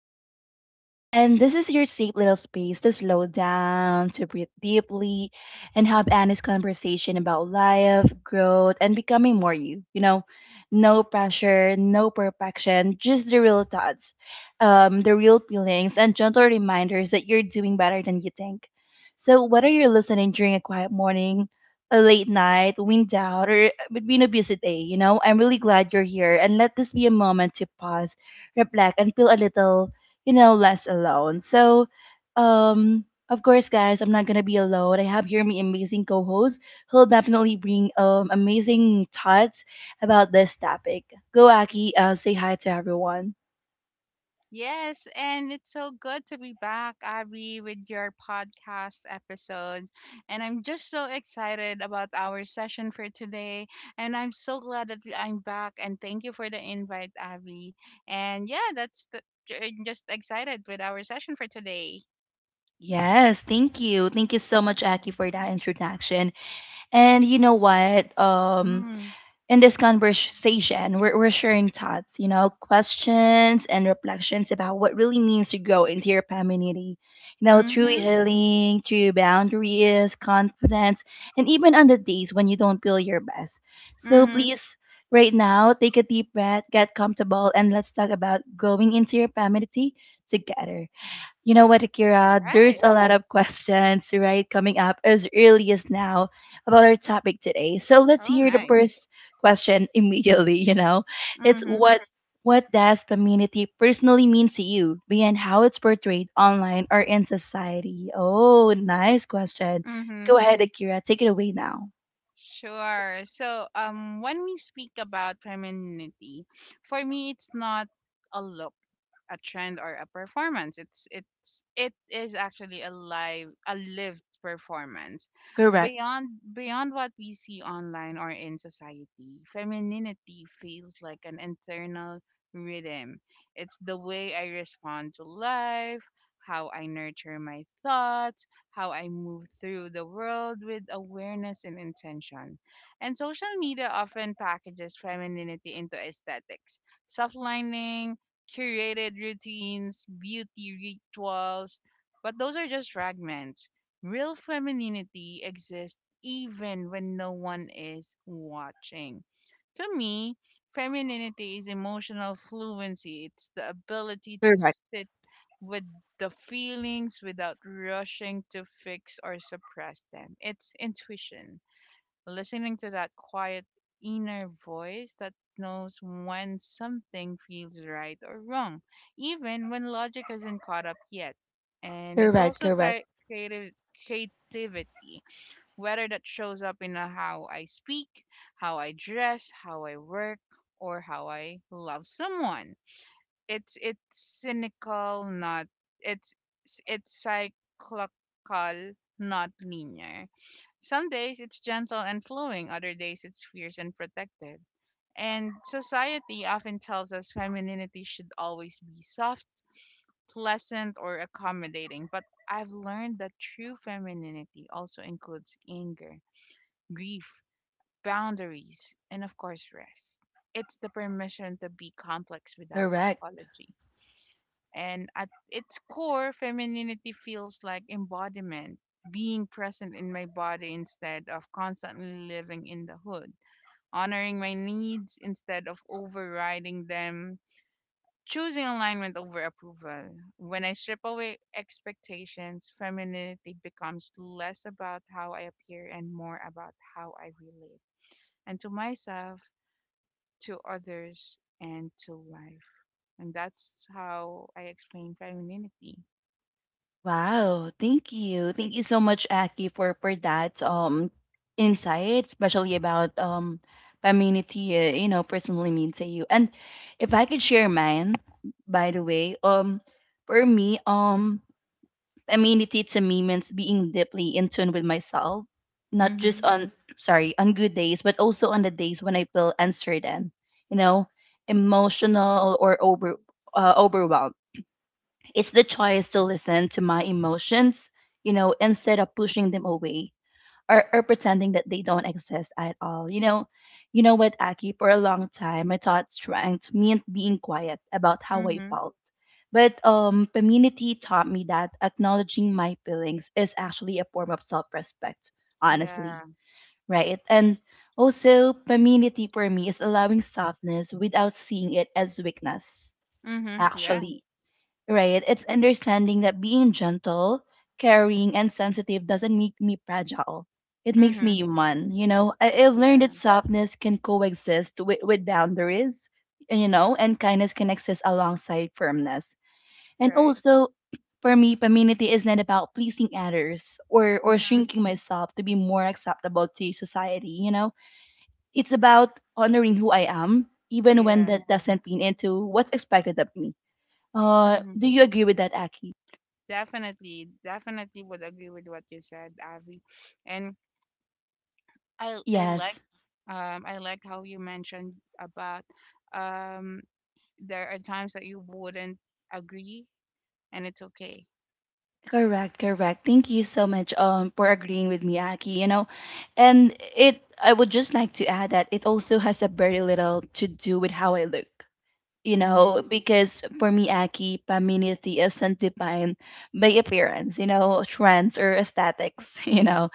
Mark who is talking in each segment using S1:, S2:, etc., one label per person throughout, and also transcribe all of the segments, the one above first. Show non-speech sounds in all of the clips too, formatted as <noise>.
S1: again, and this is your safe little space to slow down, to breathe deeply, and have honest conversation about life, growth, and becoming more you. No pressure, no perfection, just the real thoughts, the real feelings, and gentle reminders that you're doing better than you think. So, whether you're listening during a quiet morning, a late night, wind out, or between a busy day, I'm really glad you're here. And let this be a moment to pause, reflect, and feel a little less alone. So, of course, guys, I'm not gonna be alone. I have here my amazing co-host who'll definitely bring amazing thoughts about this topic. Go, Aki, say hi to everyone.
S2: Yes, and it's so good to be back, Abby, with your podcast episode. And I'm just so excited about our session for today. And I'm so glad that I'm back. And thank you for the invite, Abby. And yeah, I'm just excited with our session for today.
S1: Yes, thank you. Thank you so much, Aki, for that introduction. And you know what?
S2: Mm-hmm.
S1: In this conversation, we're sharing thoughts, questions and reflections about what really means to grow into your femininity. You know, through
S2: Mm-hmm.
S1: healing, through boundaries, confidence, and even on the days when you don't feel your best. So
S2: Mm-hmm.
S1: please, right now, take a deep breath, get comfortable, and let's talk about growing into your femininity together. You know what,
S2: All
S1: Akira? There's
S2: right.
S1: a lot of questions, right, coming up as early as now about our topic today. So let's
S2: Oh,
S1: hear the
S2: nice.
S1: first question <laughs> immediately, It's
S2: Mm-hmm.
S1: what does femininity personally mean to you beyond how it's portrayed online or in society? Oh, nice question.
S2: Mm-hmm.
S1: Go ahead, Akira. Take it away now.
S2: Sure. So, when we speak about femininity, for me, it's not a look, a trend, or a performance. It is actually a live, a lived performance.
S1: Correct.
S2: Beyond what we see online or in society, femininity feels like an internal rhythm. It's the way I respond to life, how I nurture my thoughts, how I move through the world with awareness and intention. And social media often packages femininity into aesthetics, soft lining, curated routines, beauty rituals, but those are just fragments. Real femininity exists even when no one is watching. To me, femininity is emotional fluency. It's the ability to
S1: Correct.
S2: sit with the feelings without rushing to fix or suppress them. It's intuition, listening to that quiet inner voice that knows when something feels right or wrong, even when logic isn't caught up yet. And it's
S1: Correct.
S2: also
S1: Correct.
S2: creative creativity, whether that shows up in a how I speak, how I dress, how I work, or how I love someone. it's it's cynical, not it's it's cyclical, not linear. Some days it's gentle and flowing, other days it's fierce and protective. And society often tells us femininity should always be soft, pleasant, or accommodating. But I've learned that true femininity also includes anger, grief, boundaries, and of course, rest. It's the permission to be complex without
S1: Correct.
S2: apology. And at its core, femininity feels like embodiment, being present in my body instead of constantly living in the hood, honoring my needs instead of overriding them, choosing alignment over approval. When I strip away expectations, femininity becomes less about how I appear and more about how I relate. And to myself, to others, and to life. And that's how I explain femininity.
S1: Wow, thank you. Thank you so much, Aki, for that insight, especially about femininity, you know, personally means to you. And if I could share mine, by the way, for me,
S2: Mm-hmm.
S1: femininity to me means being deeply in tune with myself, not just
S2: Mm-hmm.
S1: on sorry, on good days, but also on the days when I feel uncertain, you know, emotional or over overwhelmed it's the choice to listen to my emotions, you know, instead of pushing them away or pretending that they don't exist at all. You know what, Aki, for a long time I thought strength meant being quiet about how I
S2: Mm-hmm.
S1: felt. But community taught me that acknowledging my feelings is actually a form of self-respect, honestly.
S2: Yeah.
S1: Right. And also femininity for me is allowing softness without seeing it as weakness,
S2: Mm-hmm. Yeah.
S1: actually. Right. It's understanding that being gentle, caring, and sensitive doesn't make me fragile. It makes me
S2: Mm-hmm.
S1: human. You know, I've learned that
S2: Yeah.
S1: softness can coexist with boundaries, and, you know, and kindness can exist alongside firmness. And
S2: Right.
S1: also, <clears throat> for me, femininity is not about pleasing others or
S2: Mm-hmm.
S1: shrinking myself to be more acceptable to society. You know, it's about honoring who I am, even when
S2: Yeah.
S1: that doesn't fit into what's expected of me.
S2: Mm-hmm.
S1: Do you agree with that, Aki?
S2: Definitely. Definitely would agree with what you said, Avi. And I I like
S1: Yes,
S2: I like how you mentioned about um there are times that you wouldn't agree, and it's okay.
S1: correct, correct. Thank you so much for agreeing with me, Aki. You know, and it I would just like to add that it also has a very little to do with how I look. You
S2: Mm-hmm.
S1: know, because for me, Aki, femininity isn't defined by appearance, you know, trends or aesthetics, <laughs> you know.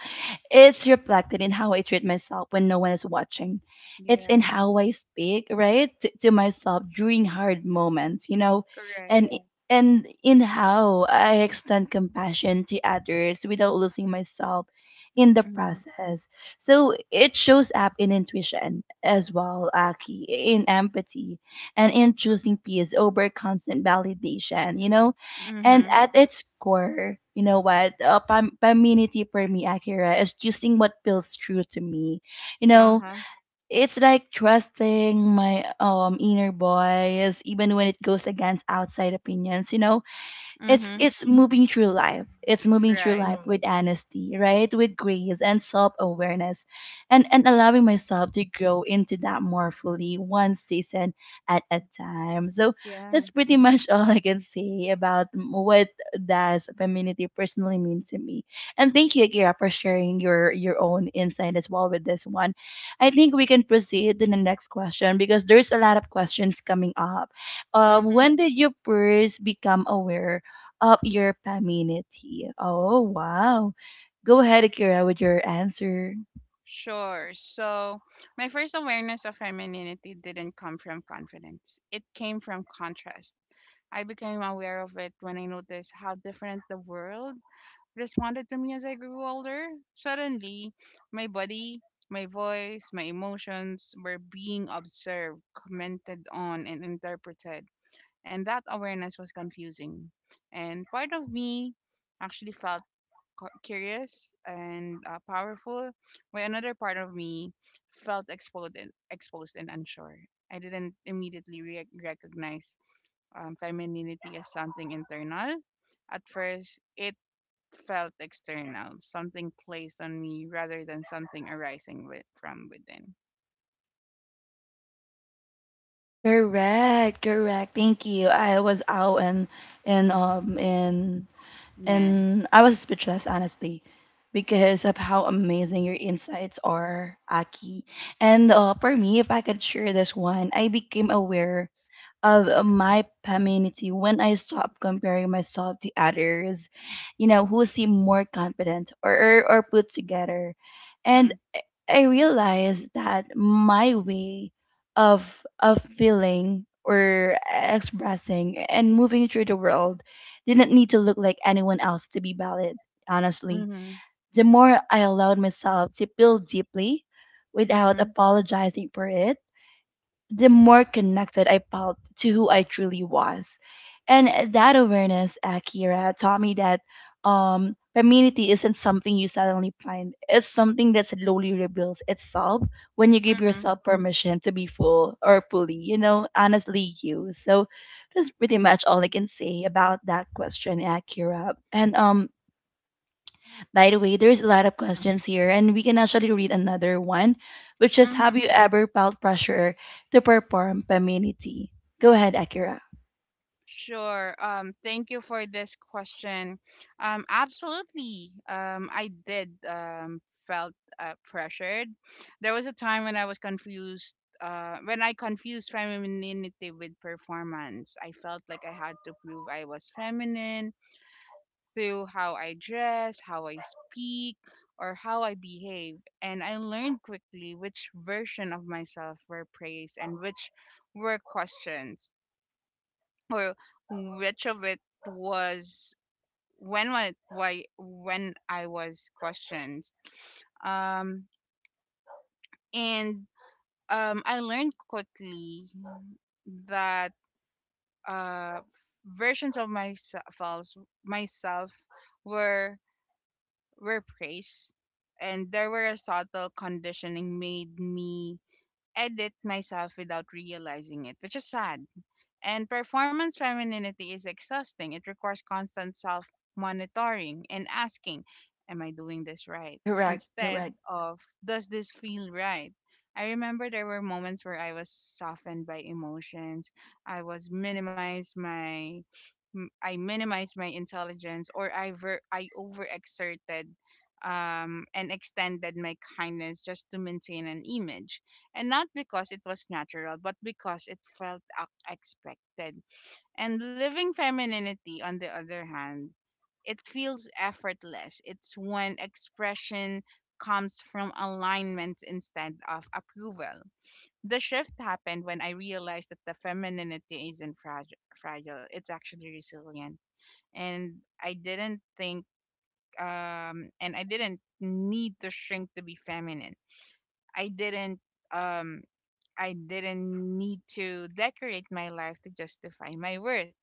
S1: It's reflected in how I treat myself when no one is watching. It's in
S2: Yeah.
S1: how I speak, right, to myself during hard moments, you know,
S2: Correct.
S1: and and in how I extend compassion to others without losing myself in the
S2: Mm-hmm.
S1: process. So it shows up in intuition as well, Aki, in empathy, and in choosing peace over constant validation, you know. And
S2: Mm-hmm.
S1: at its core, you know what? Femininity for me, Akira, is choosing what feels true to me. You know,
S2: Uh-huh.
S1: it's like trusting my inner voice, even when it goes against outside opinions. You know,
S2: Mm-hmm.
S1: it's moving through
S2: Right.
S1: life Mm. with honesty, right, with grace and self-awareness, and allowing myself to grow into that more fully, one season at a time. So
S2: Yeah.
S1: that's pretty <laughs> much all I can say about what does femininity personally mean to me. And thank you, Akira, for sharing your own insight as well with this one. I think we can proceed to the next question because there's a lot of questions coming up.
S2: Mm-hmm.
S1: When did you first become aware of your community? Oh, wow. Go ahead, Akira, with your answer.
S2: Sure. So my first awareness of femininity didn't come from confidence. It came from contrast. I became aware of it when I noticed how different the world responded to me as I grew older. Suddenly, my body, my voice, my emotions were being observed, commented on, and interpreted. And that awareness was confusing. And part of me actually felt curious and powerful, while another part of me exposed and unsure. I didn't immediately recognize femininity as something internal. At first, it felt external, something placed on me rather than something arising with, from within.
S1: Correct, correct. Thank you. I was out and um and
S2: Yeah.
S1: and I was speechless honestly because of how amazing your insights are, Aki. And for me, if I could share this one, I became aware of my femininity when I stop comparing myself to others, you know, who seem more confident or put together. And
S2: Mhm.
S1: I realized that my way of feeling or expressing and moving through the world didn't need to look like anyone else to be valid, honestly.
S2: Mhm.
S1: The more I allowed myself to feel deeply without
S2: Mhm.
S1: apologizing for it, the more connected I felt to who I truly was. And that awareness, Akira, taught me that femininity isn't something you suddenly find. It's something that slowly reveals itself when you give
S2: Mhm.
S1: yourself permission to be full or fully, you know, honestly you. So that's pretty much all I can say about that question, Akira. And by the way, there's a lot of questions here, and we can actually read another one, which is, have
S2: Mhm.
S1: you ever felt pressure to perform femininity? Go ahead, Akira.
S2: Sure. Thank you for this question. Absolutely. I did felt pressured. There was a time when I confused femininity with performance. I felt like I had to prove I was feminine through how I dress, how I speak, or how I behave. And I learned quickly which version of myself were praised and which were questions, or which of it was why when I was questioned. Um, and I learned quickly that uh, versions of myself were praised, and there were a subtle conditioning made me edit myself without realizing it, which is sad. And performance femininity is exhausting. It requires constant self monitoring and asking, am I doing this right?
S1: Correct,
S2: Instead
S1: correct.
S2: of, does this feel right? I remember there were moments where I was softened by emotions. I was minimized my. I minimized my intelligence, or I I overexerted and extended my kindness just to maintain an image, and not because it was natural, but because it felt expected. And living femininity, on the other hand, it feels effortless. It's when expression comes from alignment instead of approval. The shift happened when I realized that the femininity isn't fragile, it's actually resilient. And I didn't think, and I didn't need to shrink to be feminine. I didn't um I didn't need to decorate my life to justify my worth.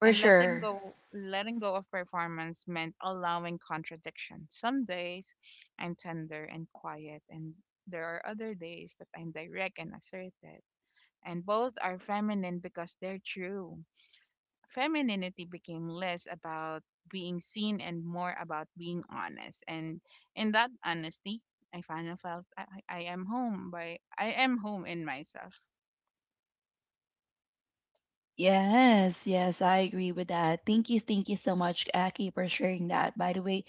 S1: For
S2: And
S1: sure.
S2: letting go of performance meant allowing contradiction. Some days I'm tender and quiet, and there are other days that I'm direct and assertive. And both are feminine because they're true. Femininity became less about being seen and more about being honest. And in that honesty, I am home by I am home in myself.
S1: Yes, yes, I agree with that. Thank you so much, Aki, for sharing that, by the way.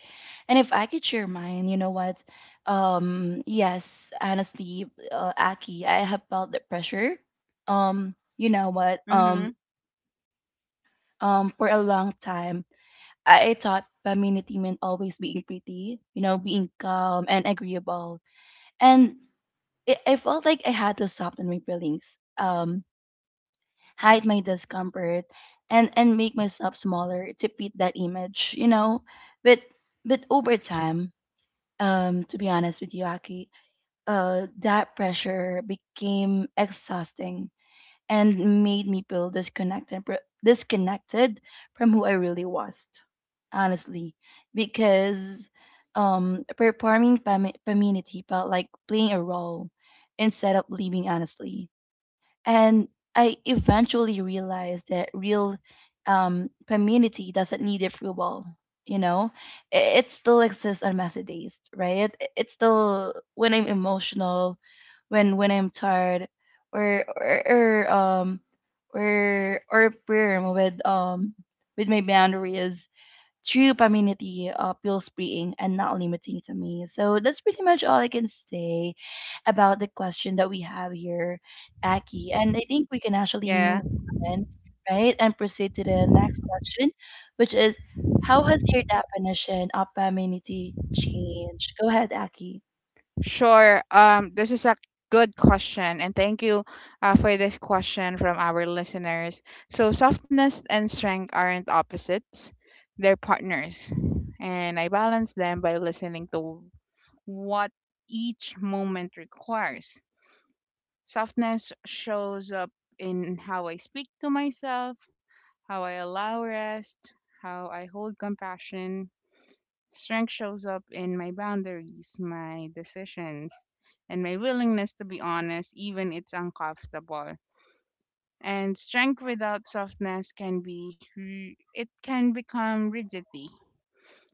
S1: And if I could share mine, you know what? Yes, honestly, Aki, I have felt the pressure. Um, you know what? For a long time I thought femininity meant always being pretty, you know, being calm and agreeable. And it, I felt like I had to soften my feelings, hide my discomfort, and make myself smaller to fit that image, you know. But but over time, to be honest with you, Aki, that pressure became exhausting and made me feel disconnected from who I really was, honestly, because performing femininity felt like playing a role instead of living honestly. And I eventually realized that real femininity doesn't need approval. You know, it still exists on messy days, right? It's still when I'm emotional, when I'm tired, or or, or um or firm with my boundaries. True femininity feels freeing and not limiting to me. So that's pretty much all I can say about the question that we have here, Aki. And I think we can actually
S2: Yeah.
S1: move on, right, and proceed to the next question, which is, how has your definition of femininity changed? Go ahead, Aki.
S2: Sure. This is a good question, and thank you for this question from our listeners. So, softness and strength aren't opposites, they're partners. And I balance them by listening to what each moment requires. Softness shows up in how I speak to myself, how I allow rest, how I hold compassion. Strength shows up in my boundaries, my decisions, and my willingness to be honest, even it's uncomfortable. And strength without softness can be ri- it can become rigidity.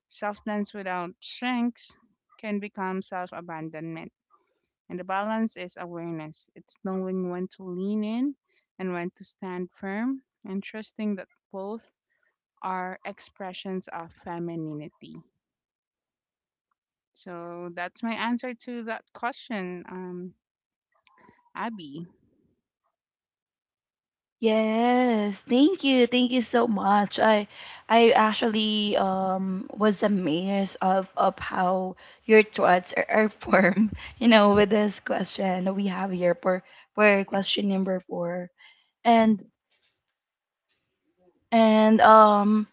S2: Softness without strength can become self-abandonment. And the balance is awareness. It's knowing when to lean in and when to stand firm, and trusting that both are expressions of femininity. So that's my answer to that question, Abby.
S1: Yes, thank you. Thank you so much. I actually was amazed of how your thoughts are formed, <laughs> you know, with this question that we have here for question number four. And and um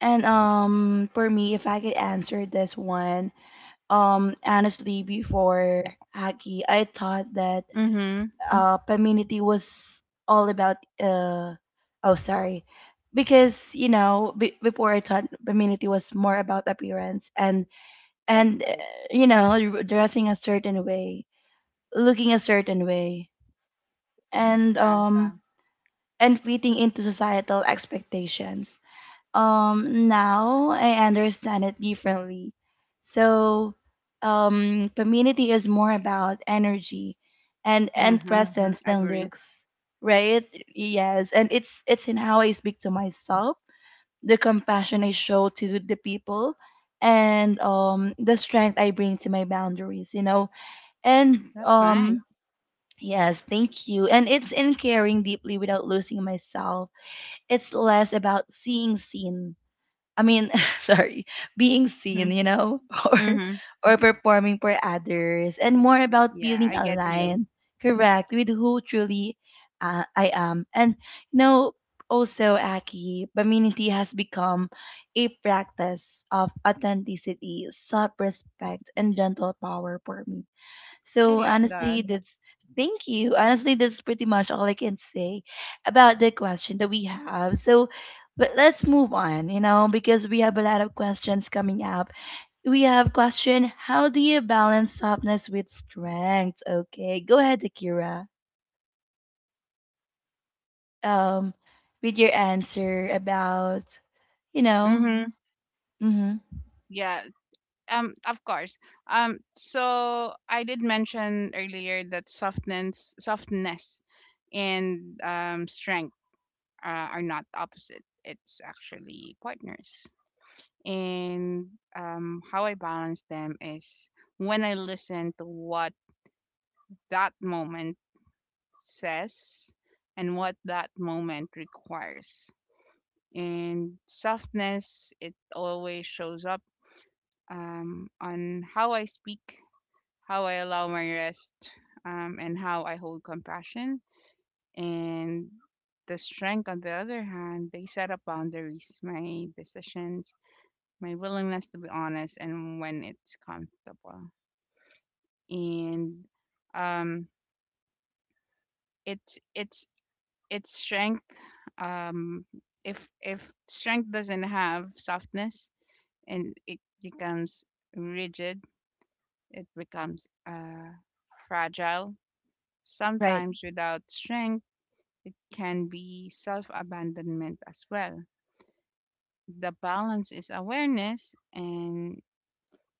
S1: and for me if I could answer this one, honestly before Aki, I thought that
S2: Mm-hmm.
S1: femininity was all about uh oh sorry because you know be before I thought femininity was more about appearance
S2: Right.
S1: and you know, dressing a certain way, looking a certain way, and
S2: Yeah.
S1: um and fitting into societal expectations. Now I understand it differently. So community is more about energy and
S2: Uh-huh.
S1: presence than
S2: Agree.
S1: looks, right? Yes, and it's in how I speak to myself, the compassion I show to the people, and the strength I bring to my boundaries, you know. And
S2: That's nice.
S1: yes, thank you. And it's in caring deeply without losing myself. It's less about seeing seen I mean, <laughs> sorry, being
S2: Mm-hmm.
S1: seen, you know, <laughs>
S2: Mm-hmm.
S1: or performing for others, and more about
S2: Yeah,
S1: feeling
S2: I get you.
S1: aligned, correct, with who truly I am. And you know, also Aki, femininity has become a practice of authenticity, self-respect, and gentle power for me.
S2: I
S1: So
S2: love that.
S1: honestly, that's thank you. Honestly, that's pretty much all I can say about the question that we have. So, but let's move on, you know, because we have a lot of questions coming up. We have question, how do you balance softness with strength? Okay, go ahead, Akira. Um, with your answer about, you know,
S2: Mm-hmm.
S1: mm-hmm.
S2: Yeah. Of course. So I did mention earlier that softness and strength are not opposite. It's actually partners. And how I balance them is when I listen to what that moment says and what that moment requires. And softness, it always shows up on how I speak, how I allow my rest, and how I hold compassion. And the strength, on the other hand, they set up boundaries, my decisions, my willingness to be honest, and when it's comfortable. And um, it's it's it's strength. Um, if if strength doesn't have softness, and it becomes rigid, it becomes fragile. Sometimes without strength, it can be self abandonment as well. The balance is awareness, and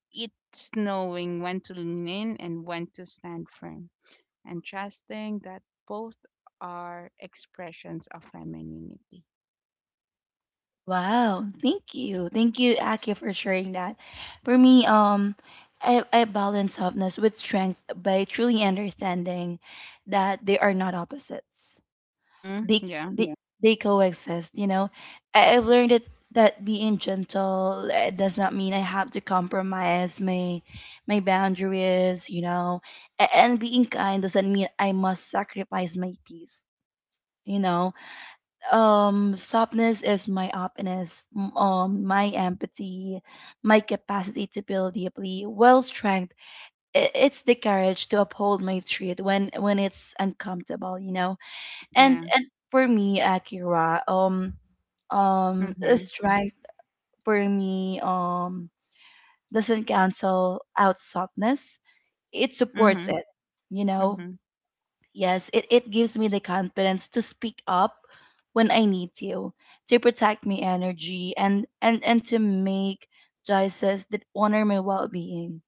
S2: it's knowing when to lean in and when to stand firm, and trusting that both are expressions of femininity.
S1: Wow, thank you. Thank you, Aki, for sharing that. For me, I balance softness with strength by truly understanding that they are not opposites.
S2: Mm-hmm. Yeah.
S1: They Yeah. They coexist, you know. I've learned that that being gentle does not mean I have to compromise my boundaries, you know. And being kind doesn't mean I must sacrifice my peace, you know. Softness is my openness, my empathy, my capacity to build deeply. Well, strength, it's the courage to uphold my truth when it's uncomfortable, you know. and
S2: Yeah.
S1: and for me akira um um a
S2: Mm-hmm.
S1: strength for me doesn't cancel out softness, it supports
S2: Mm-hmm.
S1: it, you know.
S2: Mm-hmm.
S1: Yes, it gives me the confidence to speak up when I need to protect my energy and to make choices that honor my well being.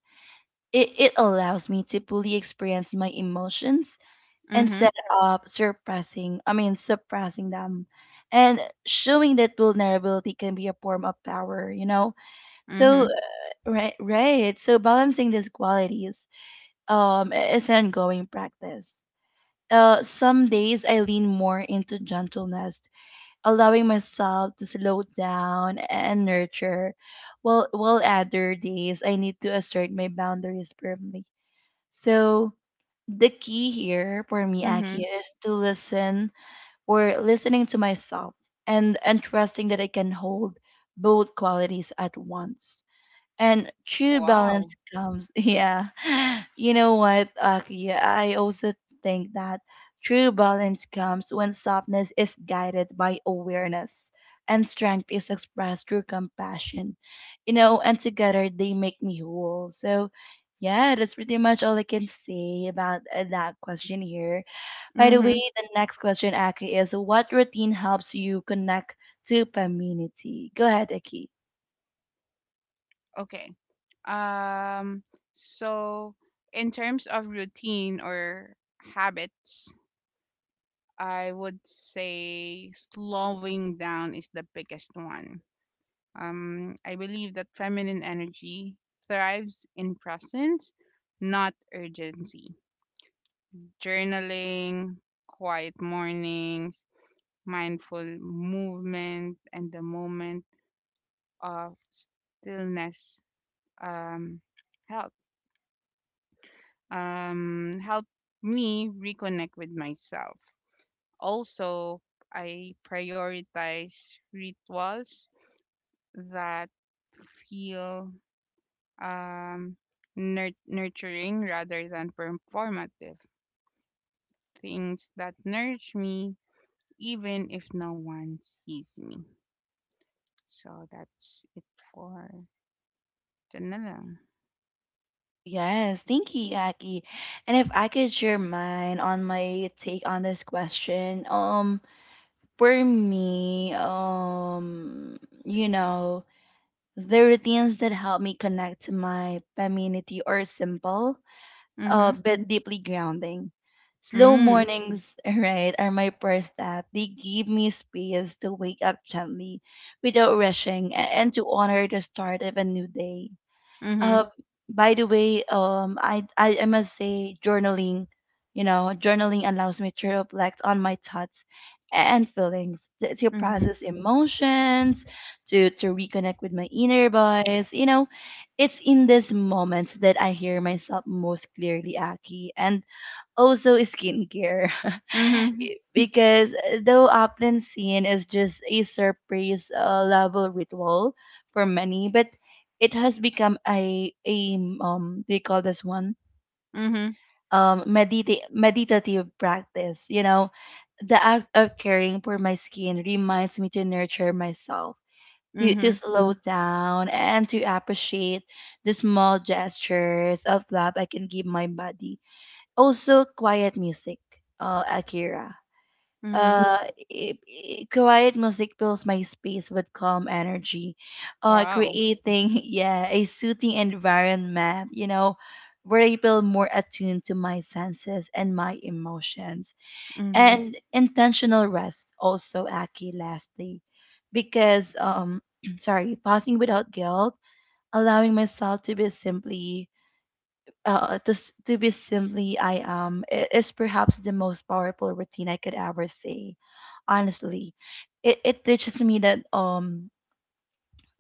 S1: It allows me to fully experience my emotions
S2: Mm-hmm.
S1: instead of suppressing I mean suppressing them. And showing that vulnerability can be a form of power, you know? So
S2: Mm-hmm.
S1: right, right. So balancing these qualities is an ongoing practice. Some days I lean more into gentleness, allowing myself to slow down and nurture, while other days I need to assert my boundaries firmly. So the key here for me, Aki,
S2: Mm-hmm.
S1: is to listening to myself and trusting that I can hold both qualities at once. And
S2: Oh
S1: true
S2: wow.
S1: balance comes, <laughs> yeah. You know what, Aki, I also think that true balance comes when softness is guided by awareness and strength is expressed through compassion. You know, and together they make me whole. So, yeah, that's pretty much all I can say about that question here. By the way,
S2: Mm-hmm.
S1: the next question, Aki, is what routine helps you connect to community? Go ahead, Aki.
S2: Okay. Um so in terms of routine or habits, I would say slowing down is the biggest one. I believe that feminine energy thrives in presence, not urgency. Journaling, quiet mornings, mindful movement, and the moment of stillness um, help help me reconnect with myself. Also, I prioritize rituals that feel um, nurturing rather than performative. Things that nourish me even if no one sees me. So that's it for ito na lang.
S1: Yes, thank you, Aki. And if I could share mine on my take on this question, for me, you know, the routines that help me connect to my community are simple,
S2: Mhm.
S1: but deeply grounding. Slow
S2: Mm.
S1: mornings, <laughs> right, are my first step. They give me space to wake up gently without rushing and to honor the start of a new day. uh,
S2: Mhm.
S1: by the way, um, I must say, journaling, you know, journaling allows me to reflect on my thoughts and feelings, to
S2: Mhm.
S1: process emotions, to reconnect with my inner voice. You know, it's in these moments that I hear myself most clearly, Aki. And also skincare, <laughs>
S2: Mhm.
S1: because though often seen as just a surprise level ritual for many, but it has become a, do you call this one,
S2: Mhm.
S1: meditative practice, you know. The act of caring for my skin reminds me to nurture myself, to
S2: Mhm.
S1: slow down, and to appreciate the small gestures of love I can give my body. Also, quiet music, Akira,
S2: Mhm.
S1: uh quiet music fills my space with calm energy,
S2: Wow.
S1: creating, <laughs> yeah, a soothing environment, you know, where I feel more attuned to my senses and my emotions.
S2: Mhm.
S1: And intentional rest also, Aki, lastly, because <clears throat> sorry, pausing without guilt, allowing myself to be simply, to be simply I am, is perhaps the most powerful routine I could ever say. Honestly, it teaches me that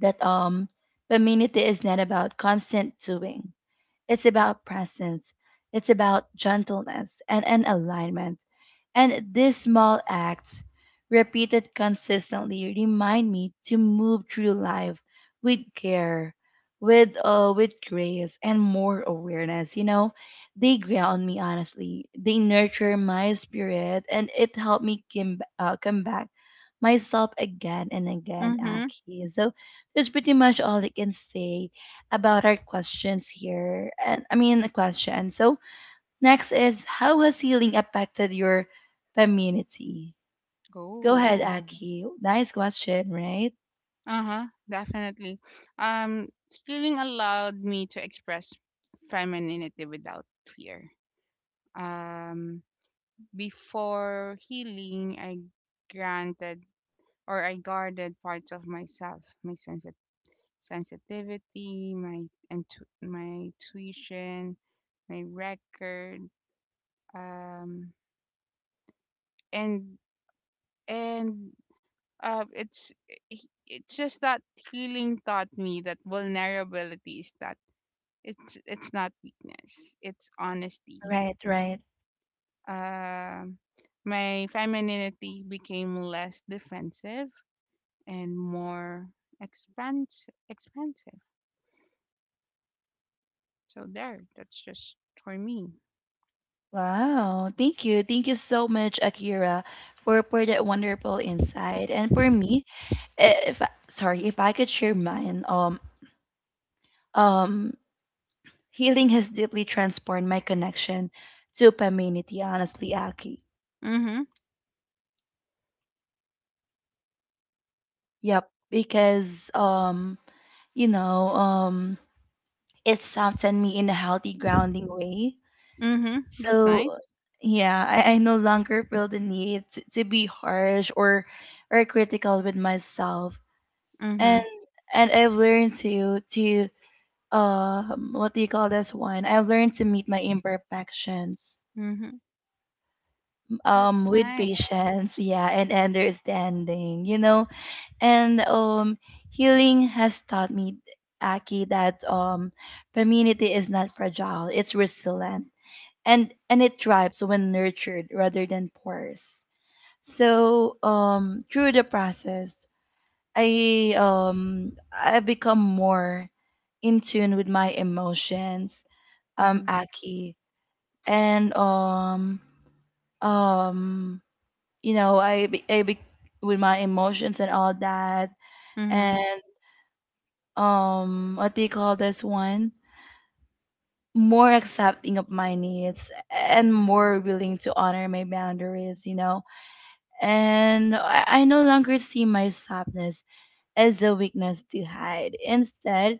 S1: that um femininity is not about constant doing. It's about presence. It's about gentleness and, alignment. And these small acts, repeated consistently, remind me to move through life with care, with grace, and more awareness. You know, they ground me, honestly. They nurture my spirit, and it helped me come back myself again and again.
S2: Mhm.
S1: Aki, so that's pretty much all I can say about our questions here. And I mean, the question. So, next is how has healing affected your femininity? Go ahead,
S2: Go.
S1: Aki. Nice question, right?
S2: Uh-huh. Definitely. Stealing allowed me to express femininity without fear. Um Before healing, I granted or I guarded parts of myself, my sensitivity, my my intuition, my record, um, and and uh, it's it's just that healing taught me that vulnerability is that it's not weakness, it's honesty.
S1: Right, right.
S2: Um, my femininity became less defensive and more expensive, so there, that's just for me.
S1: Wow, thank you. Thank you so much, Akira, for, that wonderful insight. And for me, I- if I- sorry, if I could share mine, um, healing has deeply transformed my connection to femininity, honestly, Aki.
S2: Mhm.
S1: Yep, because you know, it softened me in a healthy, grounding way.
S2: Mhm. That's
S1: So,
S2: nice.
S1: yeah, I no longer feel the need to, be harsh or critical with myself,
S2: Mhm.
S1: and I've learned to, what do you call this one? I've learned to meet my imperfections
S2: Mhm. That's
S1: with
S2: nice.
S1: patience, yeah, and understanding. You know, and healing has taught me, Aki, that femininity is not fragile; it's resilient, and it thrives when nurtured rather than forced. So through the process, I become more in tune with my emotions,
S2: Mhm.
S1: Aki, and um, you know, I be, with my emotions and all that,
S2: Mhm.
S1: and what do you call this one, more accepting of my needs and more willing to honor my boundaries, you know. And I no longer see my softness as a weakness to hide. Instead,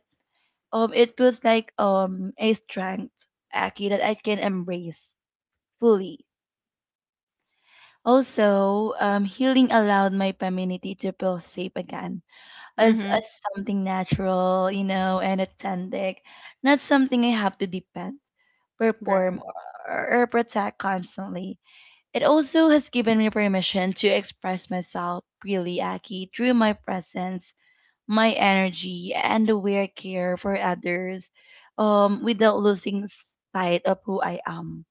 S1: it was like a strength, Aki, that I can embrace fully. Also, healing allowed my femininity to feel safe again as
S2: Mhm.
S1: something natural, you know, and authentic, not something I have to depend, perform,
S2: Great.
S1: or, protect constantly. It also has given me permission to express myself freely, Aki, through my presence, my energy, and the way I care for others, without losing sight of who I am.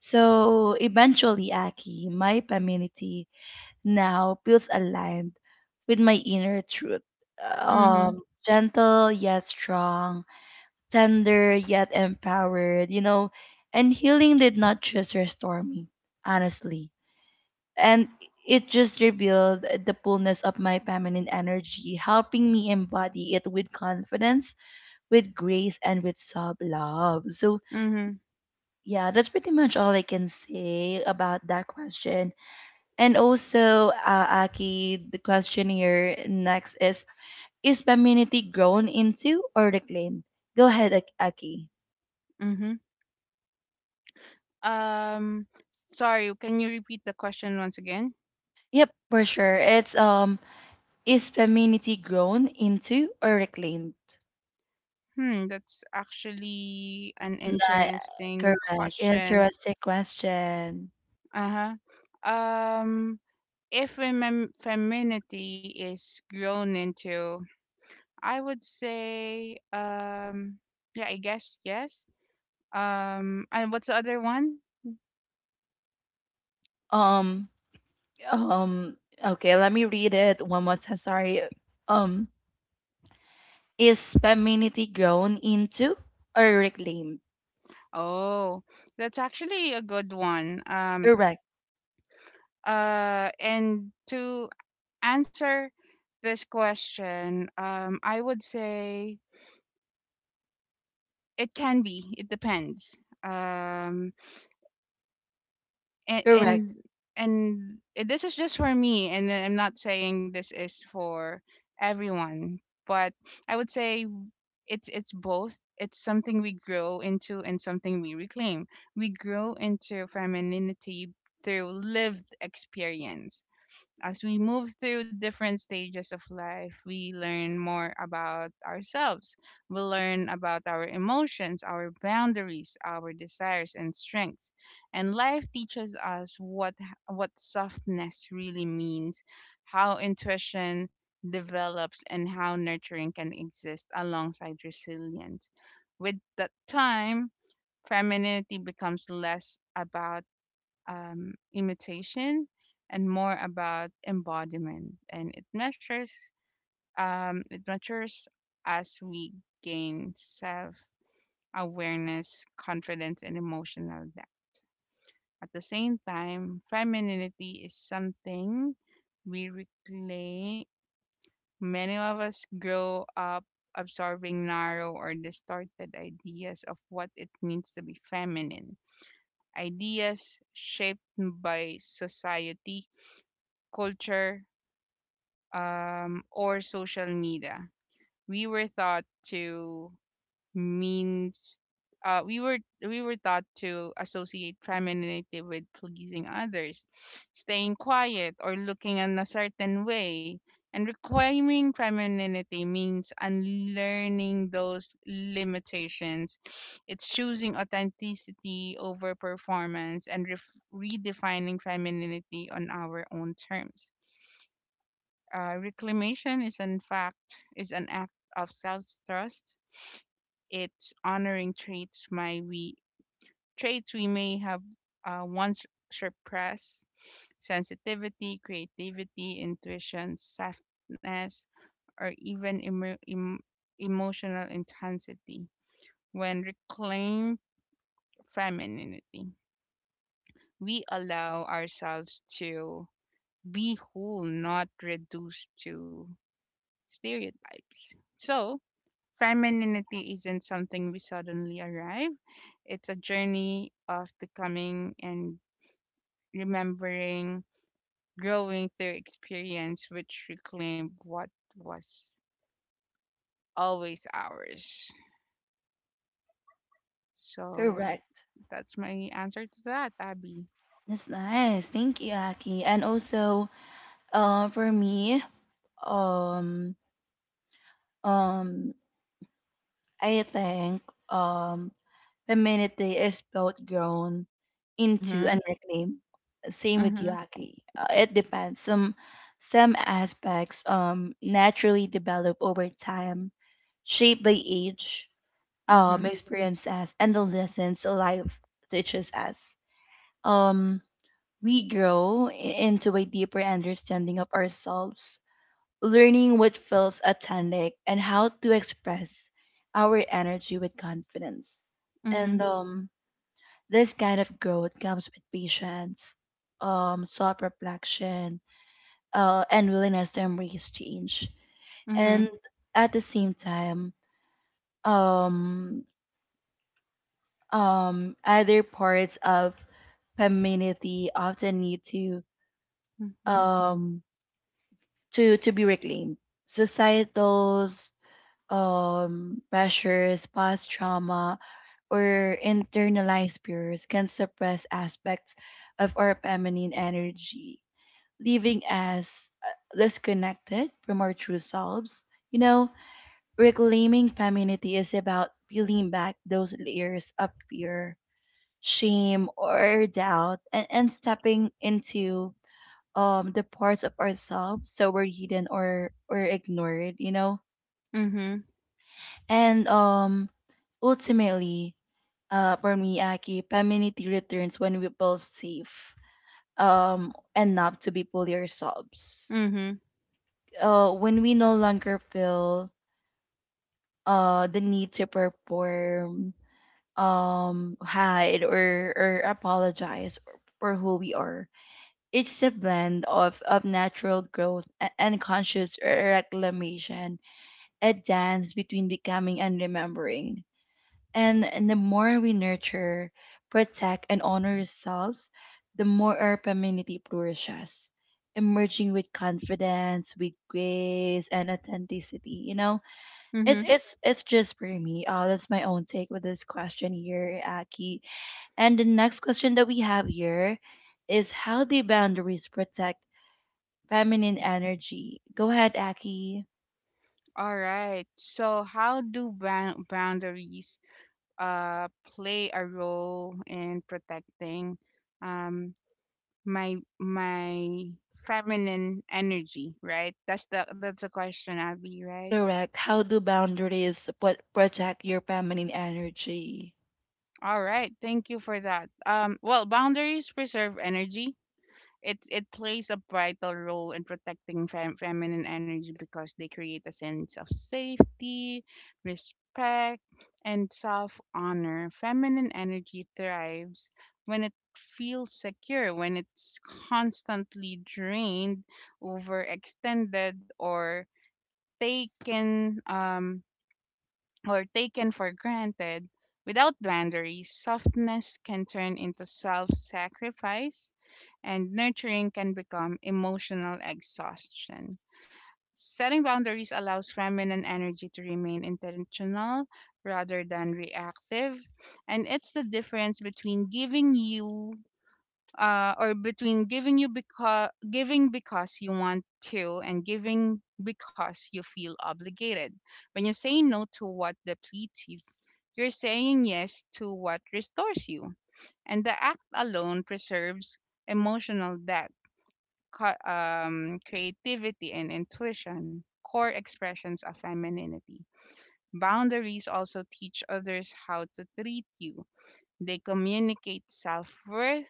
S1: So eventually, Aki, my femininity now feels aligned with my inner truth.
S2: Mhm.
S1: Gentle yet strong, tender yet empowered, you know. And healing did not just restore me, honestly. And it just revealed the fullness of my feminine energy, helping me embody it with confidence, with grace, and with self love. So,
S2: Mhm.
S1: yeah, that's pretty much all I can say about that question. And also, Aki, the question here next is femininity grown into or reclaimed? Go ahead, Aki.
S2: Mhm. um Sorry, can you repeat the question once again?
S1: Yep, for sure. It's is femininity grown into or reclaimed?
S2: Hmm, that's actually an
S1: Nah,
S2: interesting
S1: correct.
S2: question.
S1: Interesting question.
S2: Uh-huh. um if femininity is grown into, I would say, yeah, I guess yes. And what's the other one?
S1: Um, um, okay, let me read it one more time. Sorry. Um, is femininity grown into or reclaimed?
S2: Oh, that's actually a good one.
S1: Correct,
S2: And to answer this question, I would say it can be. It depends. And and
S1: correct,
S2: and this is just for me, and I'm not saying this is for everyone, but I would say it's both. It's something we grow into and something we reclaim. We grow into femininity through lived experience. As we move through different stages of life, we learn more about ourselves. We learn about our emotions, our boundaries, our desires and strengths. And life teaches us what softness really means, how intuition develops, and how nurturing can exist alongside resilience. With that time, femininity becomes less about imitation and more about embodiment. And it matures as we gain self awareness, confidence, and emotional depth. At the same time, femininity is something we reclaim. Many of us grow up absorbing narrow or distorted ideas of what it means to be feminine. Ideas shaped by society, culture, or social media. We were taught to means we were taught to associate femininity with pleasing others, staying quiet, or looking in a certain way. And reclaiming femininity means unlearning those limitations. It's choosing authenticity over performance and redefining femininity on our own terms. Reclamation is in fact is an act of self-trust. It's honoring traits we may have once suppressed: sensitivity, creativity, intuition, softness, or even emotional intensity. When reclaimed femininity, we allow ourselves to be whole, not reduced to stereotypes. So, Femininity isn't something we suddenly arrive. It's a journey of becoming and remembering, growing through experience, which reclaimed what was always ours. So
S1: correct.
S2: that's my answer to that, Abby.
S1: That's nice. Thank you, Aki. And also, for me, um, um, I think um, femininity is both grown into and
S2: Mhm.
S1: reclaimed. Same with you,
S2: Mhm.
S1: Aki. It depends. Some aspects naturally develop over time, shaped by age,
S2: Mhm.
S1: experiences, and the lessons life teaches us. Um, we grow into a deeper understanding of ourselves, learning what feels authentic and how to express our energy with confidence.
S2: Mhm.
S1: And this kind of growth comes with patience, self reflection, and willingness to embrace change.
S2: Mhm.
S1: And at the same time, um, other parts of femininity often need to
S2: Mhm.
S1: um to be reclaimed. Societal pressures, past trauma, or internalized fears can suppress aspects of our feminine energy, leaving us disconnected from our true selves. You know, reclaiming femininity is about peeling back those layers of fear, shame, or doubt, and, stepping into the parts of ourselves that were hidden or ignored, you know?
S2: Mhm.
S1: And ultimately, for me, Aki, femininity returns when we feel safe enough to be fully ourselves.
S2: Mhm.
S1: Uh, when we no longer feel the need to perform, hide, or apologize for who we are. It's a blend of, natural growth and conscious reclamation, a dance between becoming and remembering. And, the more we nurture, protect, and honor ourselves, the more our femininity flourishes, emerging with confidence, with grace, and authenticity. You know, it's
S2: Mhm.
S1: it's it's just for me. That's my own take with this question here, Aki. And the next question that we have here is, how do boundaries protect feminine energy? Go ahead, Aki.
S2: All right. So, how do boundaries uh, play a role in protecting um, my feminine energy, right? That's the question, Abby, right?
S1: Correct. How do boundaries protect your feminine energy?
S2: All right, thank you for that. Well, boundaries preserve energy. It plays a vital role in protecting feminine energy because they create a sense of safety, respect, and self honor. Feminine energy thrives when it feels secure, when it's constantly drained, overextended, taken um or taken for granted. Without boundaries, softness can turn into self sacrifice, and nurturing can become emotional exhaustion. Setting boundaries allows feminine energy to remain intentional rather than reactive, and it's the difference between giving you because giving because you want to and giving because you feel obligated. When you say no to what depletes you, you're saying yes to what restores you. And the act alone preserves emotional depth, creativity, and intuition, core expressions of femininity. Boundaries also teach others how to treat you, they communicate self worth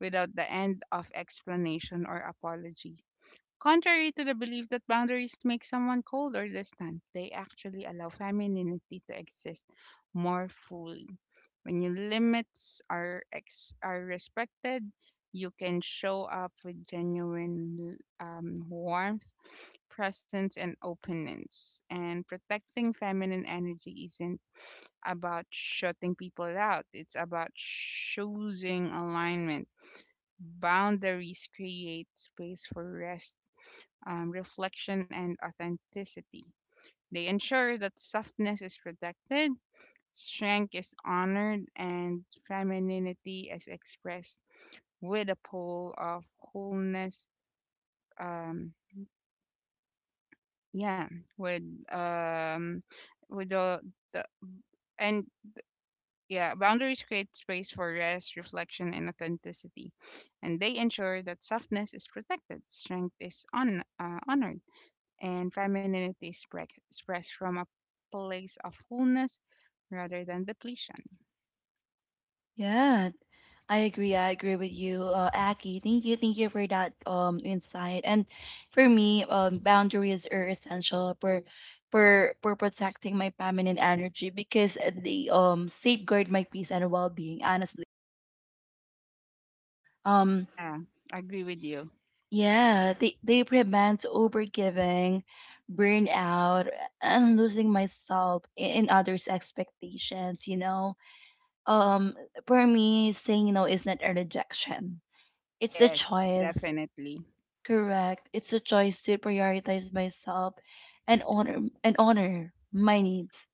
S2: without the end of explanation or apology. Contrary to the belief that boundaries make someone cold or distant, they actually allow femininity to exist more fully. When your limits are respected, you can show up with genuine warmth, presence, and openness. And protecting feminine energy isn't about shutting people out. It's about choosing alignment. Boundaries create space for rest, reflection, and authenticity. They ensure that softness is protected, strength is honored, and femininity is expressed with a pull of wholeness. Um, yeah, with um, with the and Yeah, boundaries create space for rest, reflection, and authenticity, and they ensure that softness is protected, honored, and femininity expressed from a place of fullness rather than depletion.
S1: Yeah, I agree. I agree with you, Aki. Thank you. Thank you for that insight. And for me, boundaries are essential for protecting my feminine energy because they safeguard my peace and well-being. Honestly, um,
S2: Yeah, agree with you.
S1: yeah, they prevent overgiving, burnout, and losing myself in others' expectations. You know, um for me, saying no is not a rejection, it's a
S2: Yes,
S1: choice.
S2: definitely.
S1: Correct, it's a choice to prioritize myself and honor my needs.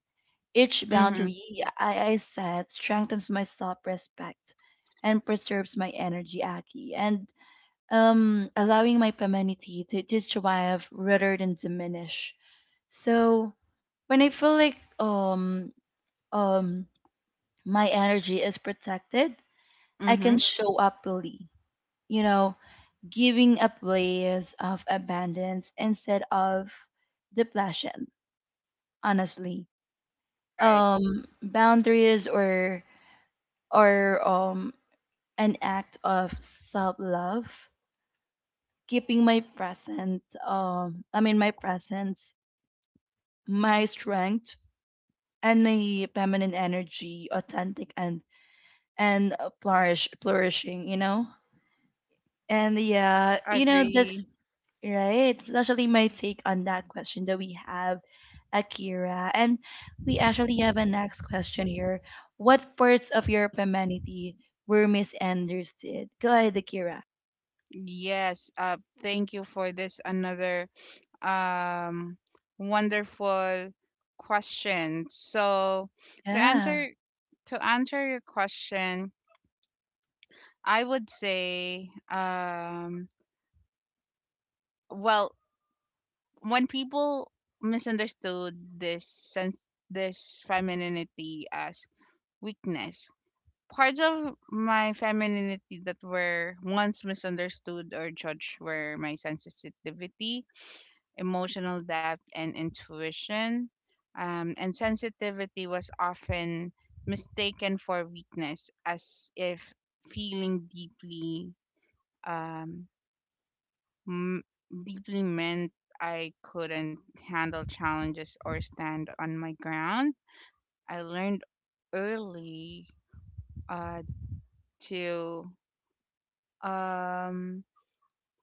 S1: Each
S2: Mhm.
S1: boundary I set strengthens my self-respect and preserves my energy, Aki, and allowing my femininity to, thrive rather than diminish. So when I feel like um my energy is protected, I can
S2: Mhm.
S1: show up fully, you know, giving a place of abundance instead of depletion, honestly.
S2: Right.
S1: Boundaries or or um an act of self love, keeping my present I mean my presence, my strength, and my feminine energy authentic and and flourishing, you know? And yeah, you know, that's
S2: Agree.
S1: right. It's actually my take on that question that we have, Akira. And we actually have a next question here. What parts of your femininity were misunderstood? Go ahead, Akira.
S2: Yes. Thank you for this another um wonderful question. So to
S1: Yeah.
S2: answer to answer your question, I would say well, when people misunderstood this sense this femininity as weakness, parts of my femininity that were once misunderstood or judged were my sensitivity, emotional depth, and intuition. And sensitivity was often mistaken for weakness, as if feeling deeply, um, m- deeply meant I couldn't handle challenges or stand on my ground. I learned early uh, to um,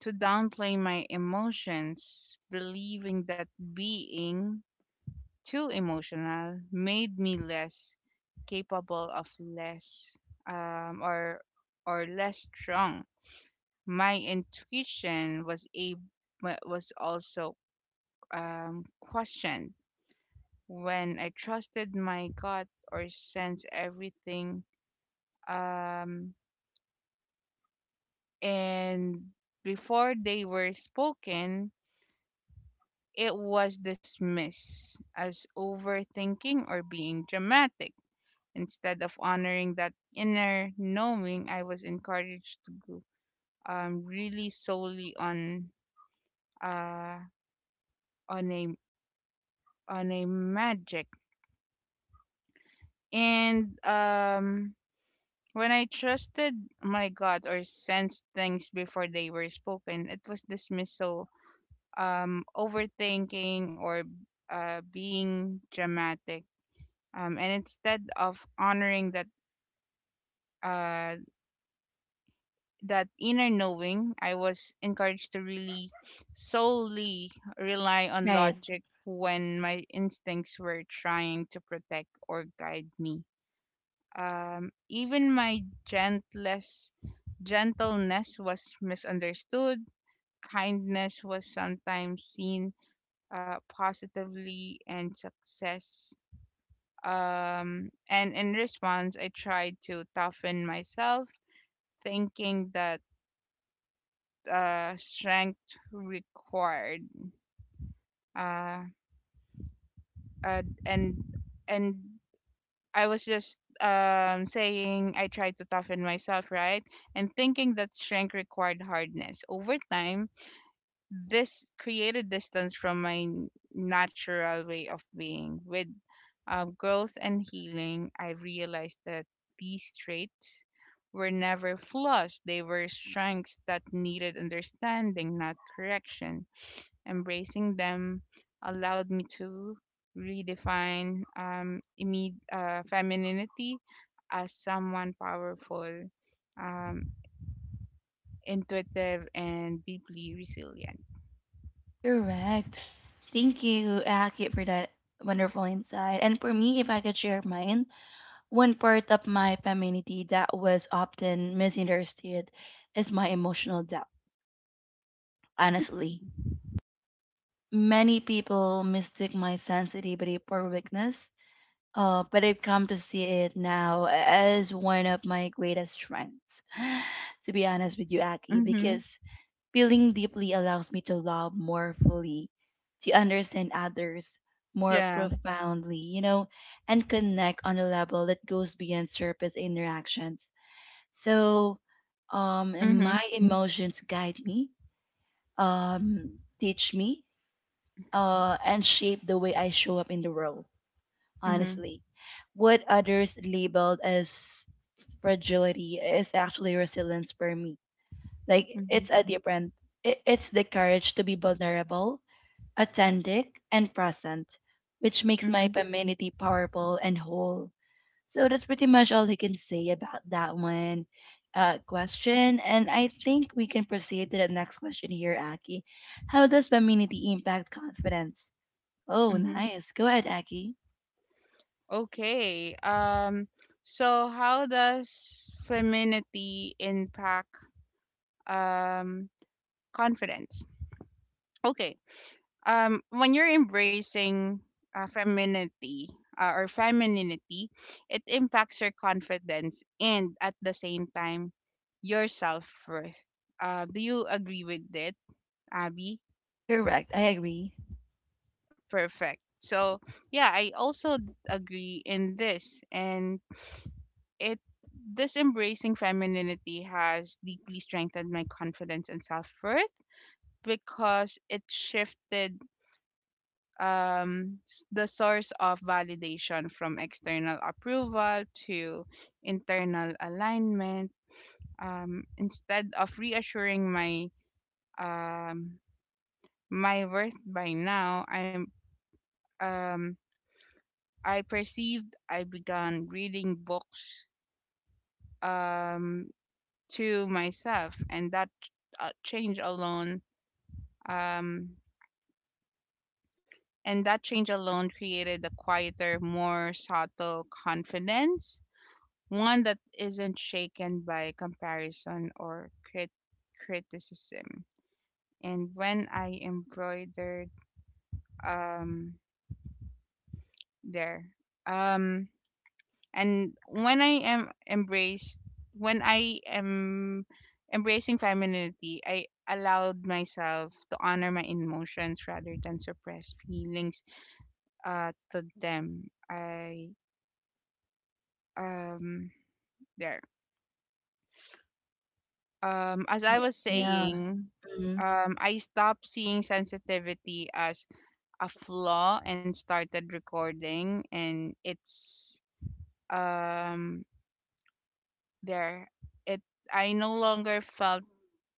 S2: to downplay my emotions, believing that being too emotional made me less capable of less um, or or less strong. My intuition was also questioned when I trusted my gut or sense everything. Um, and Before they were spoken, it was dismissed as overthinking or being dramatic. Instead of honoring that inner knowing, I was encouraged to go, really solely on uh, on a on a magic. And When I trusted my gut or sensed things before they were spoken, it was dismissed. So, overthinking or being dramatic, and instead of honoring uh, that inner knowing, I was encouraged to really solely rely on
S1: Right.
S2: logic when my instincts were trying to protect or guide me. Even my gentlest gentleness was misunderstood. Kindness was sometimes seen positively, and success. And in response, I tried to toughen myself, thinking that strength required uh, uh, and and I was just saying I tried to toughen myself, right? And thinking that strength required hardness. Over time, this created distance from my natural way of being. With growth and healing, I realized that these traits were never flaws. They were strengths that needed understanding, not correction. Embracing them allowed me to redefine femininity as someone powerful, um, intuitive, and deeply resilient.
S1: Correct. Thank you, Aki, for that wonderful insight. And for me, if I could share mine, one part of my femininity that was often misunderstood is my emotional depth,
S2: Mm-hmm.
S1: honestly. Many people mistake my sensitivity for weakness, but I've come to see it now as one of my greatest strengths. <sighs> To be honest with you, Aki,
S2: Mm-hmm.
S1: because feeling deeply allows me to love more fully, to understand others more
S2: Yeah.
S1: profoundly, you know, and connect on a level that goes beyond surface interactions. So, my
S2: Mm-hmm.
S1: emotions guide me, teach me and shape the way I show up in the world,
S2: Mm-hmm.
S1: honestly. What others labeled as fragility is actually resilience for me. Like,
S2: Mm-hmm.
S1: it's a different, it's the courage to be vulnerable, authentic, and present, which makes my
S2: Mm-hmm.
S1: femininity powerful and whole. So, that's pretty much all I can say about that one. Question, and I think we can proceed to the next question here, Aki. How does femininity impact confidence? Oh,
S2: Mm-hmm.
S1: nice. Go ahead, Aggie.
S2: Okay. So, how does femininity impact um confidence? Okay. When you're embracing femininity or femininity, it impacts your confidence and at the same time your self-worth. Do you agree with it, Abby?
S1: Correct. I agree.
S2: Perfect. So yeah, I also agree in this. And it this embracing femininity has deeply strengthened my confidence and self-worth because it shifted the source of validation from external approval to internal alignment. Instead of reassuring um, my worth by now I'm um, I perceived I began reading books um, to myself, and that uh, change alone um, change alone created a quieter, more subtle confidence, one that isn't shaken by comparison or criticism. And when I embroidered um there um and When I am when I am embracing femininity, I allowed myself to honor my emotions rather than suppress feelings to them. I um there As I
S1: Yeah.
S2: was
S1: Yeah.
S2: saying,
S1: Mhm.
S2: I stopped seeing sensitivity as a flaw and started recording, and it's um, there. It I no longer felt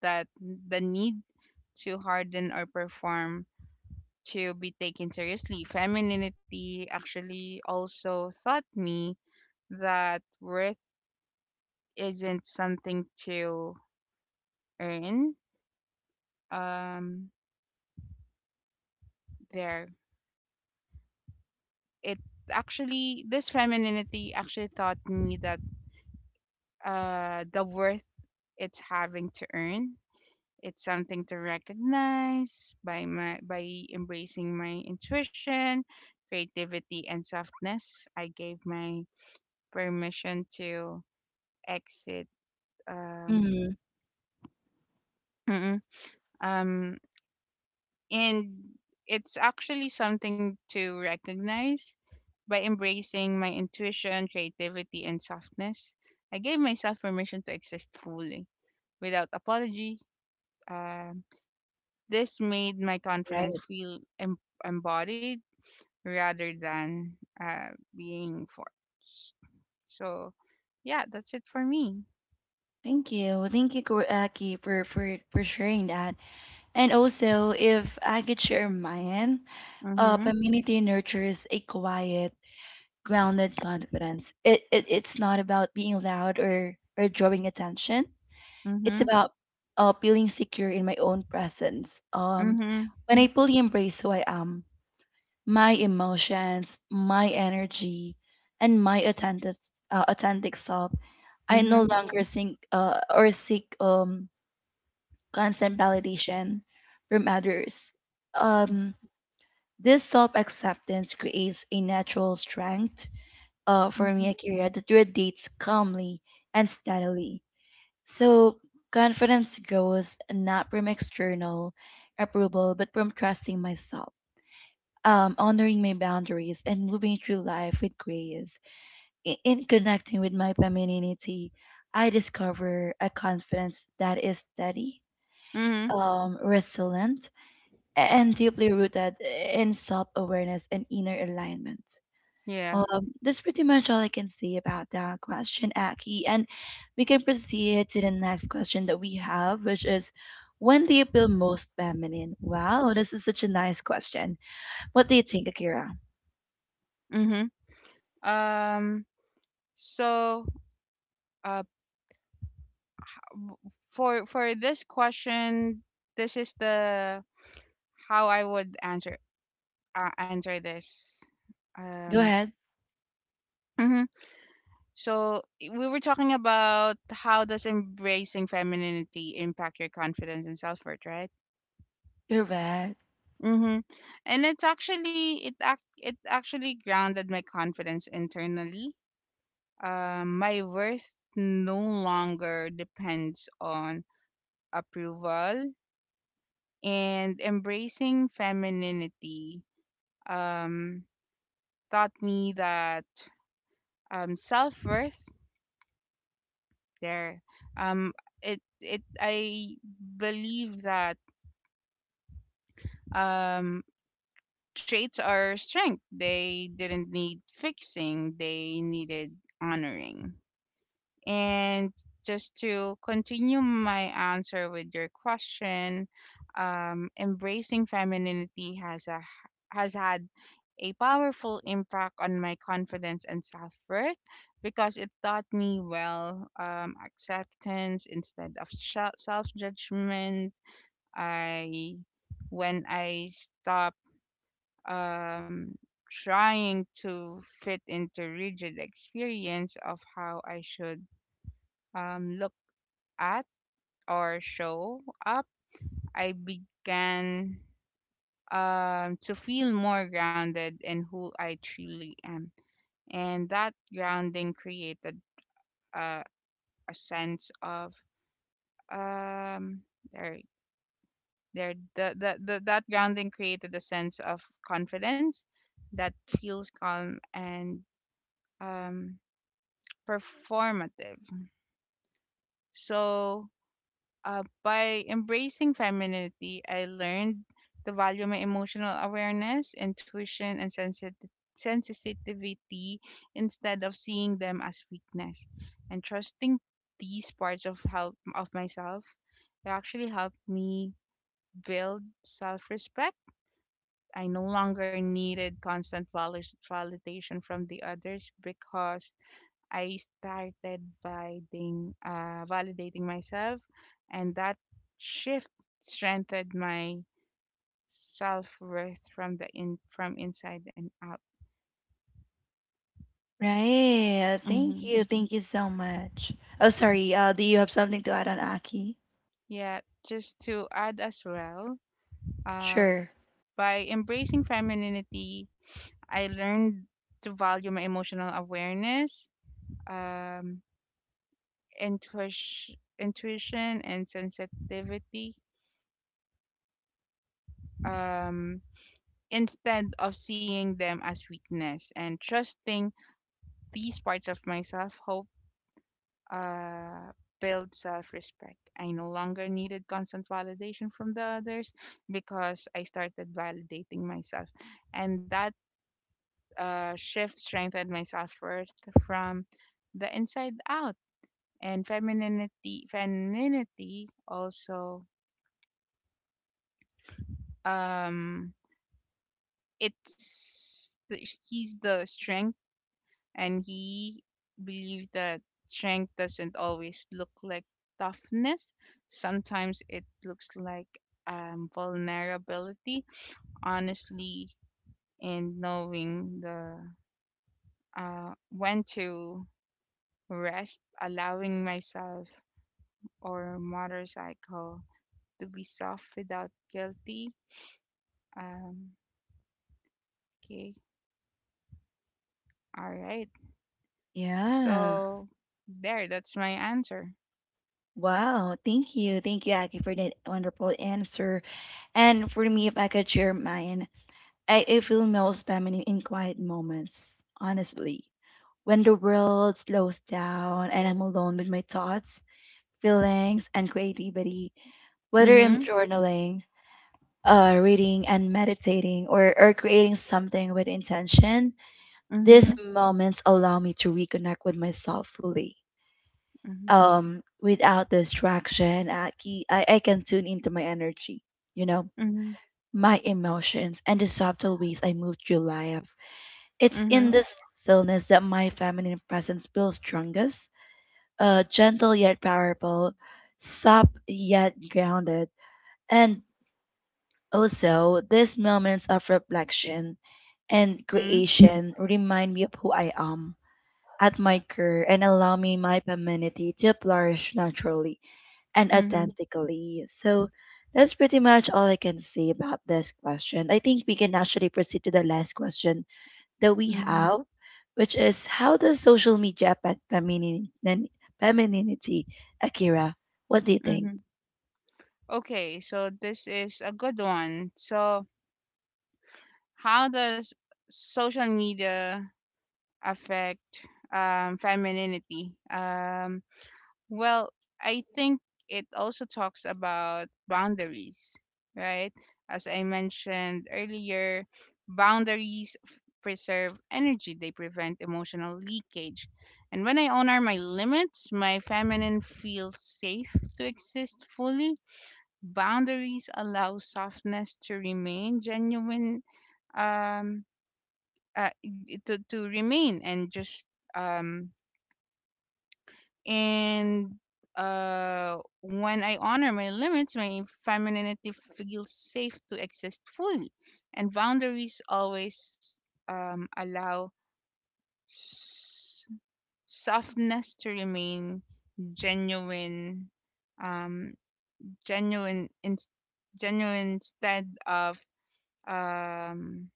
S2: that the need to harden or perform to be taken seriously. Femininity actually also taught me that worth isn't something to earn. Um, there it Actually, this femininity actually taught me that the worth, it's having to earn, it's something to recognize. By my by embracing my intuition, creativity, and softness, I gave my permission to exit um
S1: Mhm.
S2: mm-mm, um and it's actually something to recognize. By embracing my intuition, creativity, and softness, I gave myself permission to exist fully without apology. Um this made my confidence
S1: Right.
S2: feel embodied rather than uh, being forced. So, yeah, that's it for me.
S1: Thank you. Well, thank you, Aki, for for sharing that. And also, if I could share mine,
S2: Mhm.
S1: femininity nurtures a quiet, grounded confidence. It's not about being loud or drawing attention. It's
S2: Mhm.
S1: about feeling secure in my own presence.
S2: Mhm.
S1: When I fully embrace who I am, my emotions, my energy, and my authentic authentic self. I no
S2: Mhm.
S1: longer think or seek constant validation from others. Um, this self acceptance creates a natural strength for me,
S2: Mhm.
S1: Akira, that radiates calmly and steadily. So confidence grows not from external approval, but from trusting myself, honoring my boundaries and moving through life with grace. In connecting with my femininity, I discover a confidence that is steady,
S2: Mhm.
S1: resilient, and deeply rooted in self awareness and inner alignment.
S2: Yeah.
S1: That's pretty much all I can say about that question, Aki. And we can proceed to the next question that we have, which is when do you feel most feminine? Wow, this is such a nice question. What do you think, Akira?
S2: Mhm. Um. So, uh, w- for this question, this is the how I would answer answer this.
S1: Go
S2: Um,
S1: ahead.
S2: mhm. So, we were talking about how does embracing femininity impact your confidence and self worth, right?
S1: You're right.
S2: Mm-hmm. And it's actually it actually grounded my confidence internally. My worth no longer depends on approval, and embracing femininity um taught me that self worth there. Um, it it I believe that um, traits are strength. They didn't need fixing. They needed honoring. And just to continue my answer with your question, embracing femininity has had a powerful impact on my confidence and self worth because it taught me well, acceptance instead of self judgment. I When I stop um, trying to fit into rigid experience of how I should look at or show up, I began to feel more grounded in who I truly am. And that grounding created uh, a sense of um, there, there, the, that grounding created a sense of confidence that feels calm and um, performative. So, by embracing femininity, I learned to value my emotional awareness, intuition, and sensitivity instead of seeing them as weakness, and trusting these parts of help of myself, it actually helped me build self-respect. I no longer needed constant validation from the others because I started validating myself, and that shift strengthened my self worth from the in from inside and out.
S1: Right. Thank
S2: Hmm.
S1: you. Thank you so much. Oh, sorry. Do you have something to add on, Aki?
S2: Yeah, just to add as well, uh,
S1: Sure.
S2: by embracing femininity, I learned to value my emotional awareness, um, intuition, intuition, and sensitivity. Um, Instead of seeing them as weakness and trusting these parts of myself, hope uh build self-respect. I no longer needed constant validation from the others because I started validating myself, and that shift strengthened my self-worth from the inside out. And femininity also um he's the strength and he believed that strength doesn't always look like toughness. Sometimes it looks like vulnerability, honestly, and knowing the when to rest, allowing myself or motorcycle to be soft without guilty. Um, okay, all right.
S1: Yeah.
S2: So there, that's my answer.
S1: Wow. Thank you. Thank you, Aki, for that wonderful answer. And for me, if I could share mine, I feel most feminine in quiet moments, honestly. When the world slows down and I'm alone with my thoughts, feelings, and creativity, whether I'm
S2: Mhm.
S1: journaling, reading and meditating or, creating something with intention, these
S2: Mhm.
S1: moments allow me to reconnect with myself fully.
S2: Mhm.
S1: Without distraction, I can tune into my energy, you know,
S2: Mhm.
S1: my emotions, and the subtle ways I move through life. It's
S2: Mhm.
S1: in this stillness that my feminine presence feels strongest, gentle yet powerful, soft yet grounded. And also, these moments of reflection and
S2: Mm-hmm.
S1: creation remind me of who I am at my core and allow me my femininity to flourish naturally and
S2: Mm-hmm.
S1: authentically. So that's pretty much all I can say about this question. I think we can actually proceed to the last question that we
S2: Mm-hmm.
S1: have, which is how does social media affect femininity? Akira, what do you think?
S2: Mm-hmm. Okay, so this is a good one. So, how does social media affect femininity? Well, I think it also talks about boundaries, right? As I mentioned earlier, boundaries preserve energy, they prevent emotional leakage. And when I honor my limits, my feminine feels safe to exist fully. Boundaries allow softness to remain genuine, um, to remain and just, um, and when I honor my limits, my femininity feels safe to exist fully. And boundaries always allow s- softness to remain genuine, um, genuine, in- genuine instead of um,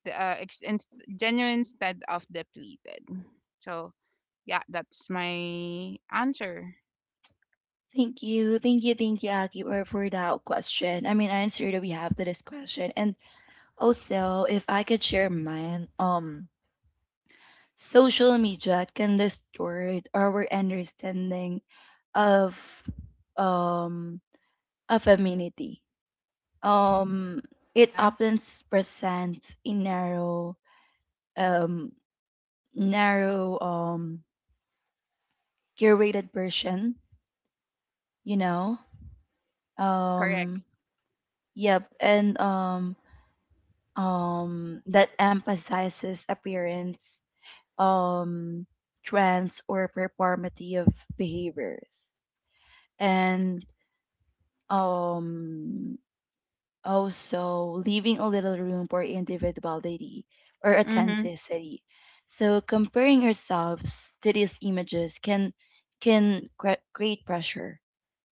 S2: The uh, ex- in- genuine instead of depleted. So yeah, that's my answer.
S1: Thank you, Aki, for that question. I mean, answer that we have to this question, and also, if I could share mine, social media can distort our understanding of um of femininity. Um, it
S2: Yeah,
S1: often presents a narrow, um, narrow, um, curated version. You know,
S2: that's correct.
S1: um, yep, and that emphasizes appearance, um, trends or performative behaviors. And um, also leaving a little room for individuality or
S2: Mhm,
S1: authenticity. So comparing ourselves to these images can create pressure,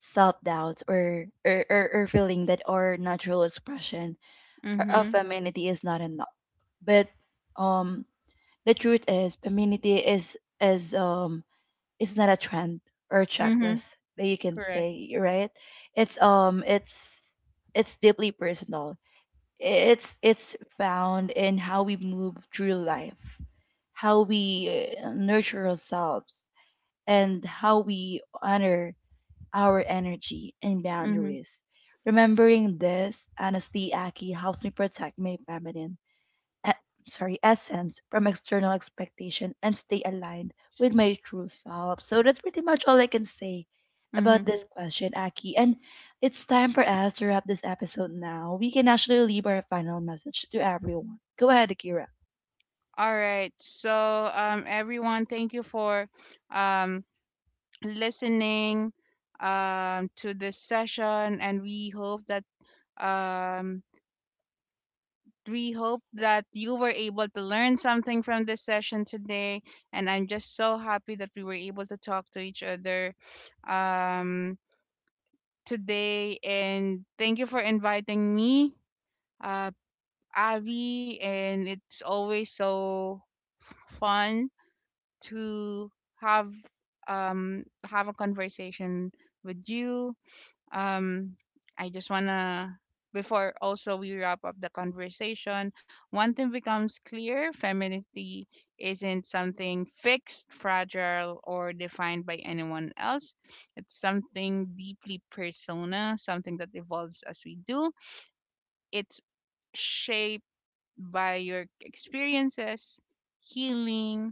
S1: self-doubt, or feeling that our natural expression or of
S2: mhm,
S1: femininity is not enough. But um, the truth is, femininity is it's not a trend or a
S2: mhm.
S1: checklist that you can
S2: Correct.
S1: say, right? It's it's deeply personal. It's found in how we move through life, how we nurture ourselves, and how we honor our energy and
S2: Mhm,
S1: boundaries. Remembering this, honestly, Aki, helps me protect my feminine e- sorry essence from external expectation and stay aligned with my true self. So that's pretty much all I can say about
S2: mhm.
S1: this question, Aki. And it's time for us to wrap this episode. Now we can actually leave our final message to everyone. Go ahead, Akira.
S2: All right. So, everyone, thank you for um, listening, to this session, and we hope that um we hope that you were able to learn something from this session today. And I'm just so happy that we were able to talk to each other um, today. And thank you for inviting me, uh, Avi. And it's always so fun to have have a conversation with you. um I just want to, before also we wrap up the conversation, one thing becomes clear: femininity isn't something fixed, fragile, or defined by anyone else. It's something deeply persona, something that evolves as we do. It's shaped by your experiences, healing,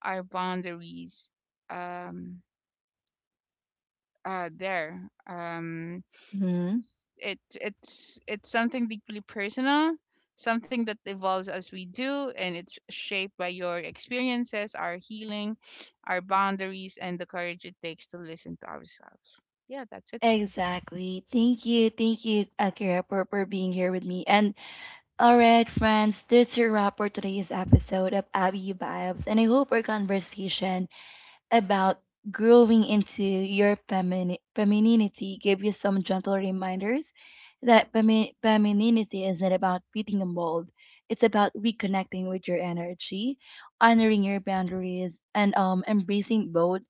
S2: our boundaries, um there um
S1: Hmm.
S2: it's something deeply personal, something that evolves as we do, and it's shaped by your experiences, our healing, our boundaries, and the courage it takes to listen to ourselves. Yeah, that's it.
S1: Exactly. Thank you. Thank you, Akira, for being here with me. And all right, friends, that's a wrap for today's episode of Abby Vibes, and I hope our conversation about growing into your femininity gave you some gentle reminders that femininity is not about fitting a mold. It's about reconnecting with your energy, honoring your boundaries, and embracing both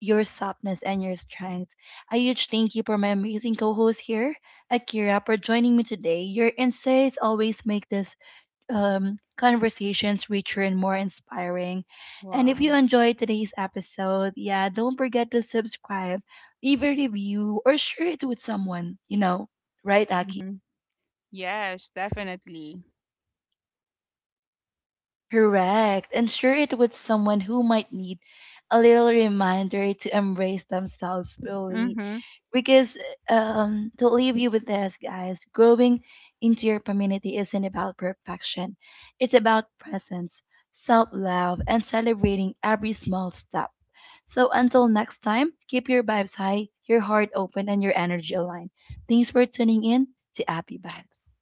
S1: your softness and your strength. A huge thank you for my amazing co-host here, Akira, for joining me today. Your insights always make this, conversations richer and more inspiring. And if you
S2: Wow.
S1: enjoyed today's episode, yeah, don't forget to subscribe, leave a review, or share it with someone, you know, right, Aki?
S2: Hmm. Yes, definitely.
S1: Correct. And share it with someone who might need a little reminder to embrace themselves fully.
S2: Hmm.
S1: Because, to leave you with this, guys, growing into your community isn't about perfection. It's about presence, self love, and celebrating every small step. So until next time, keep your vibes high, your heart open, and your energy aligned. Thanks for tuning in to Happy Vibes.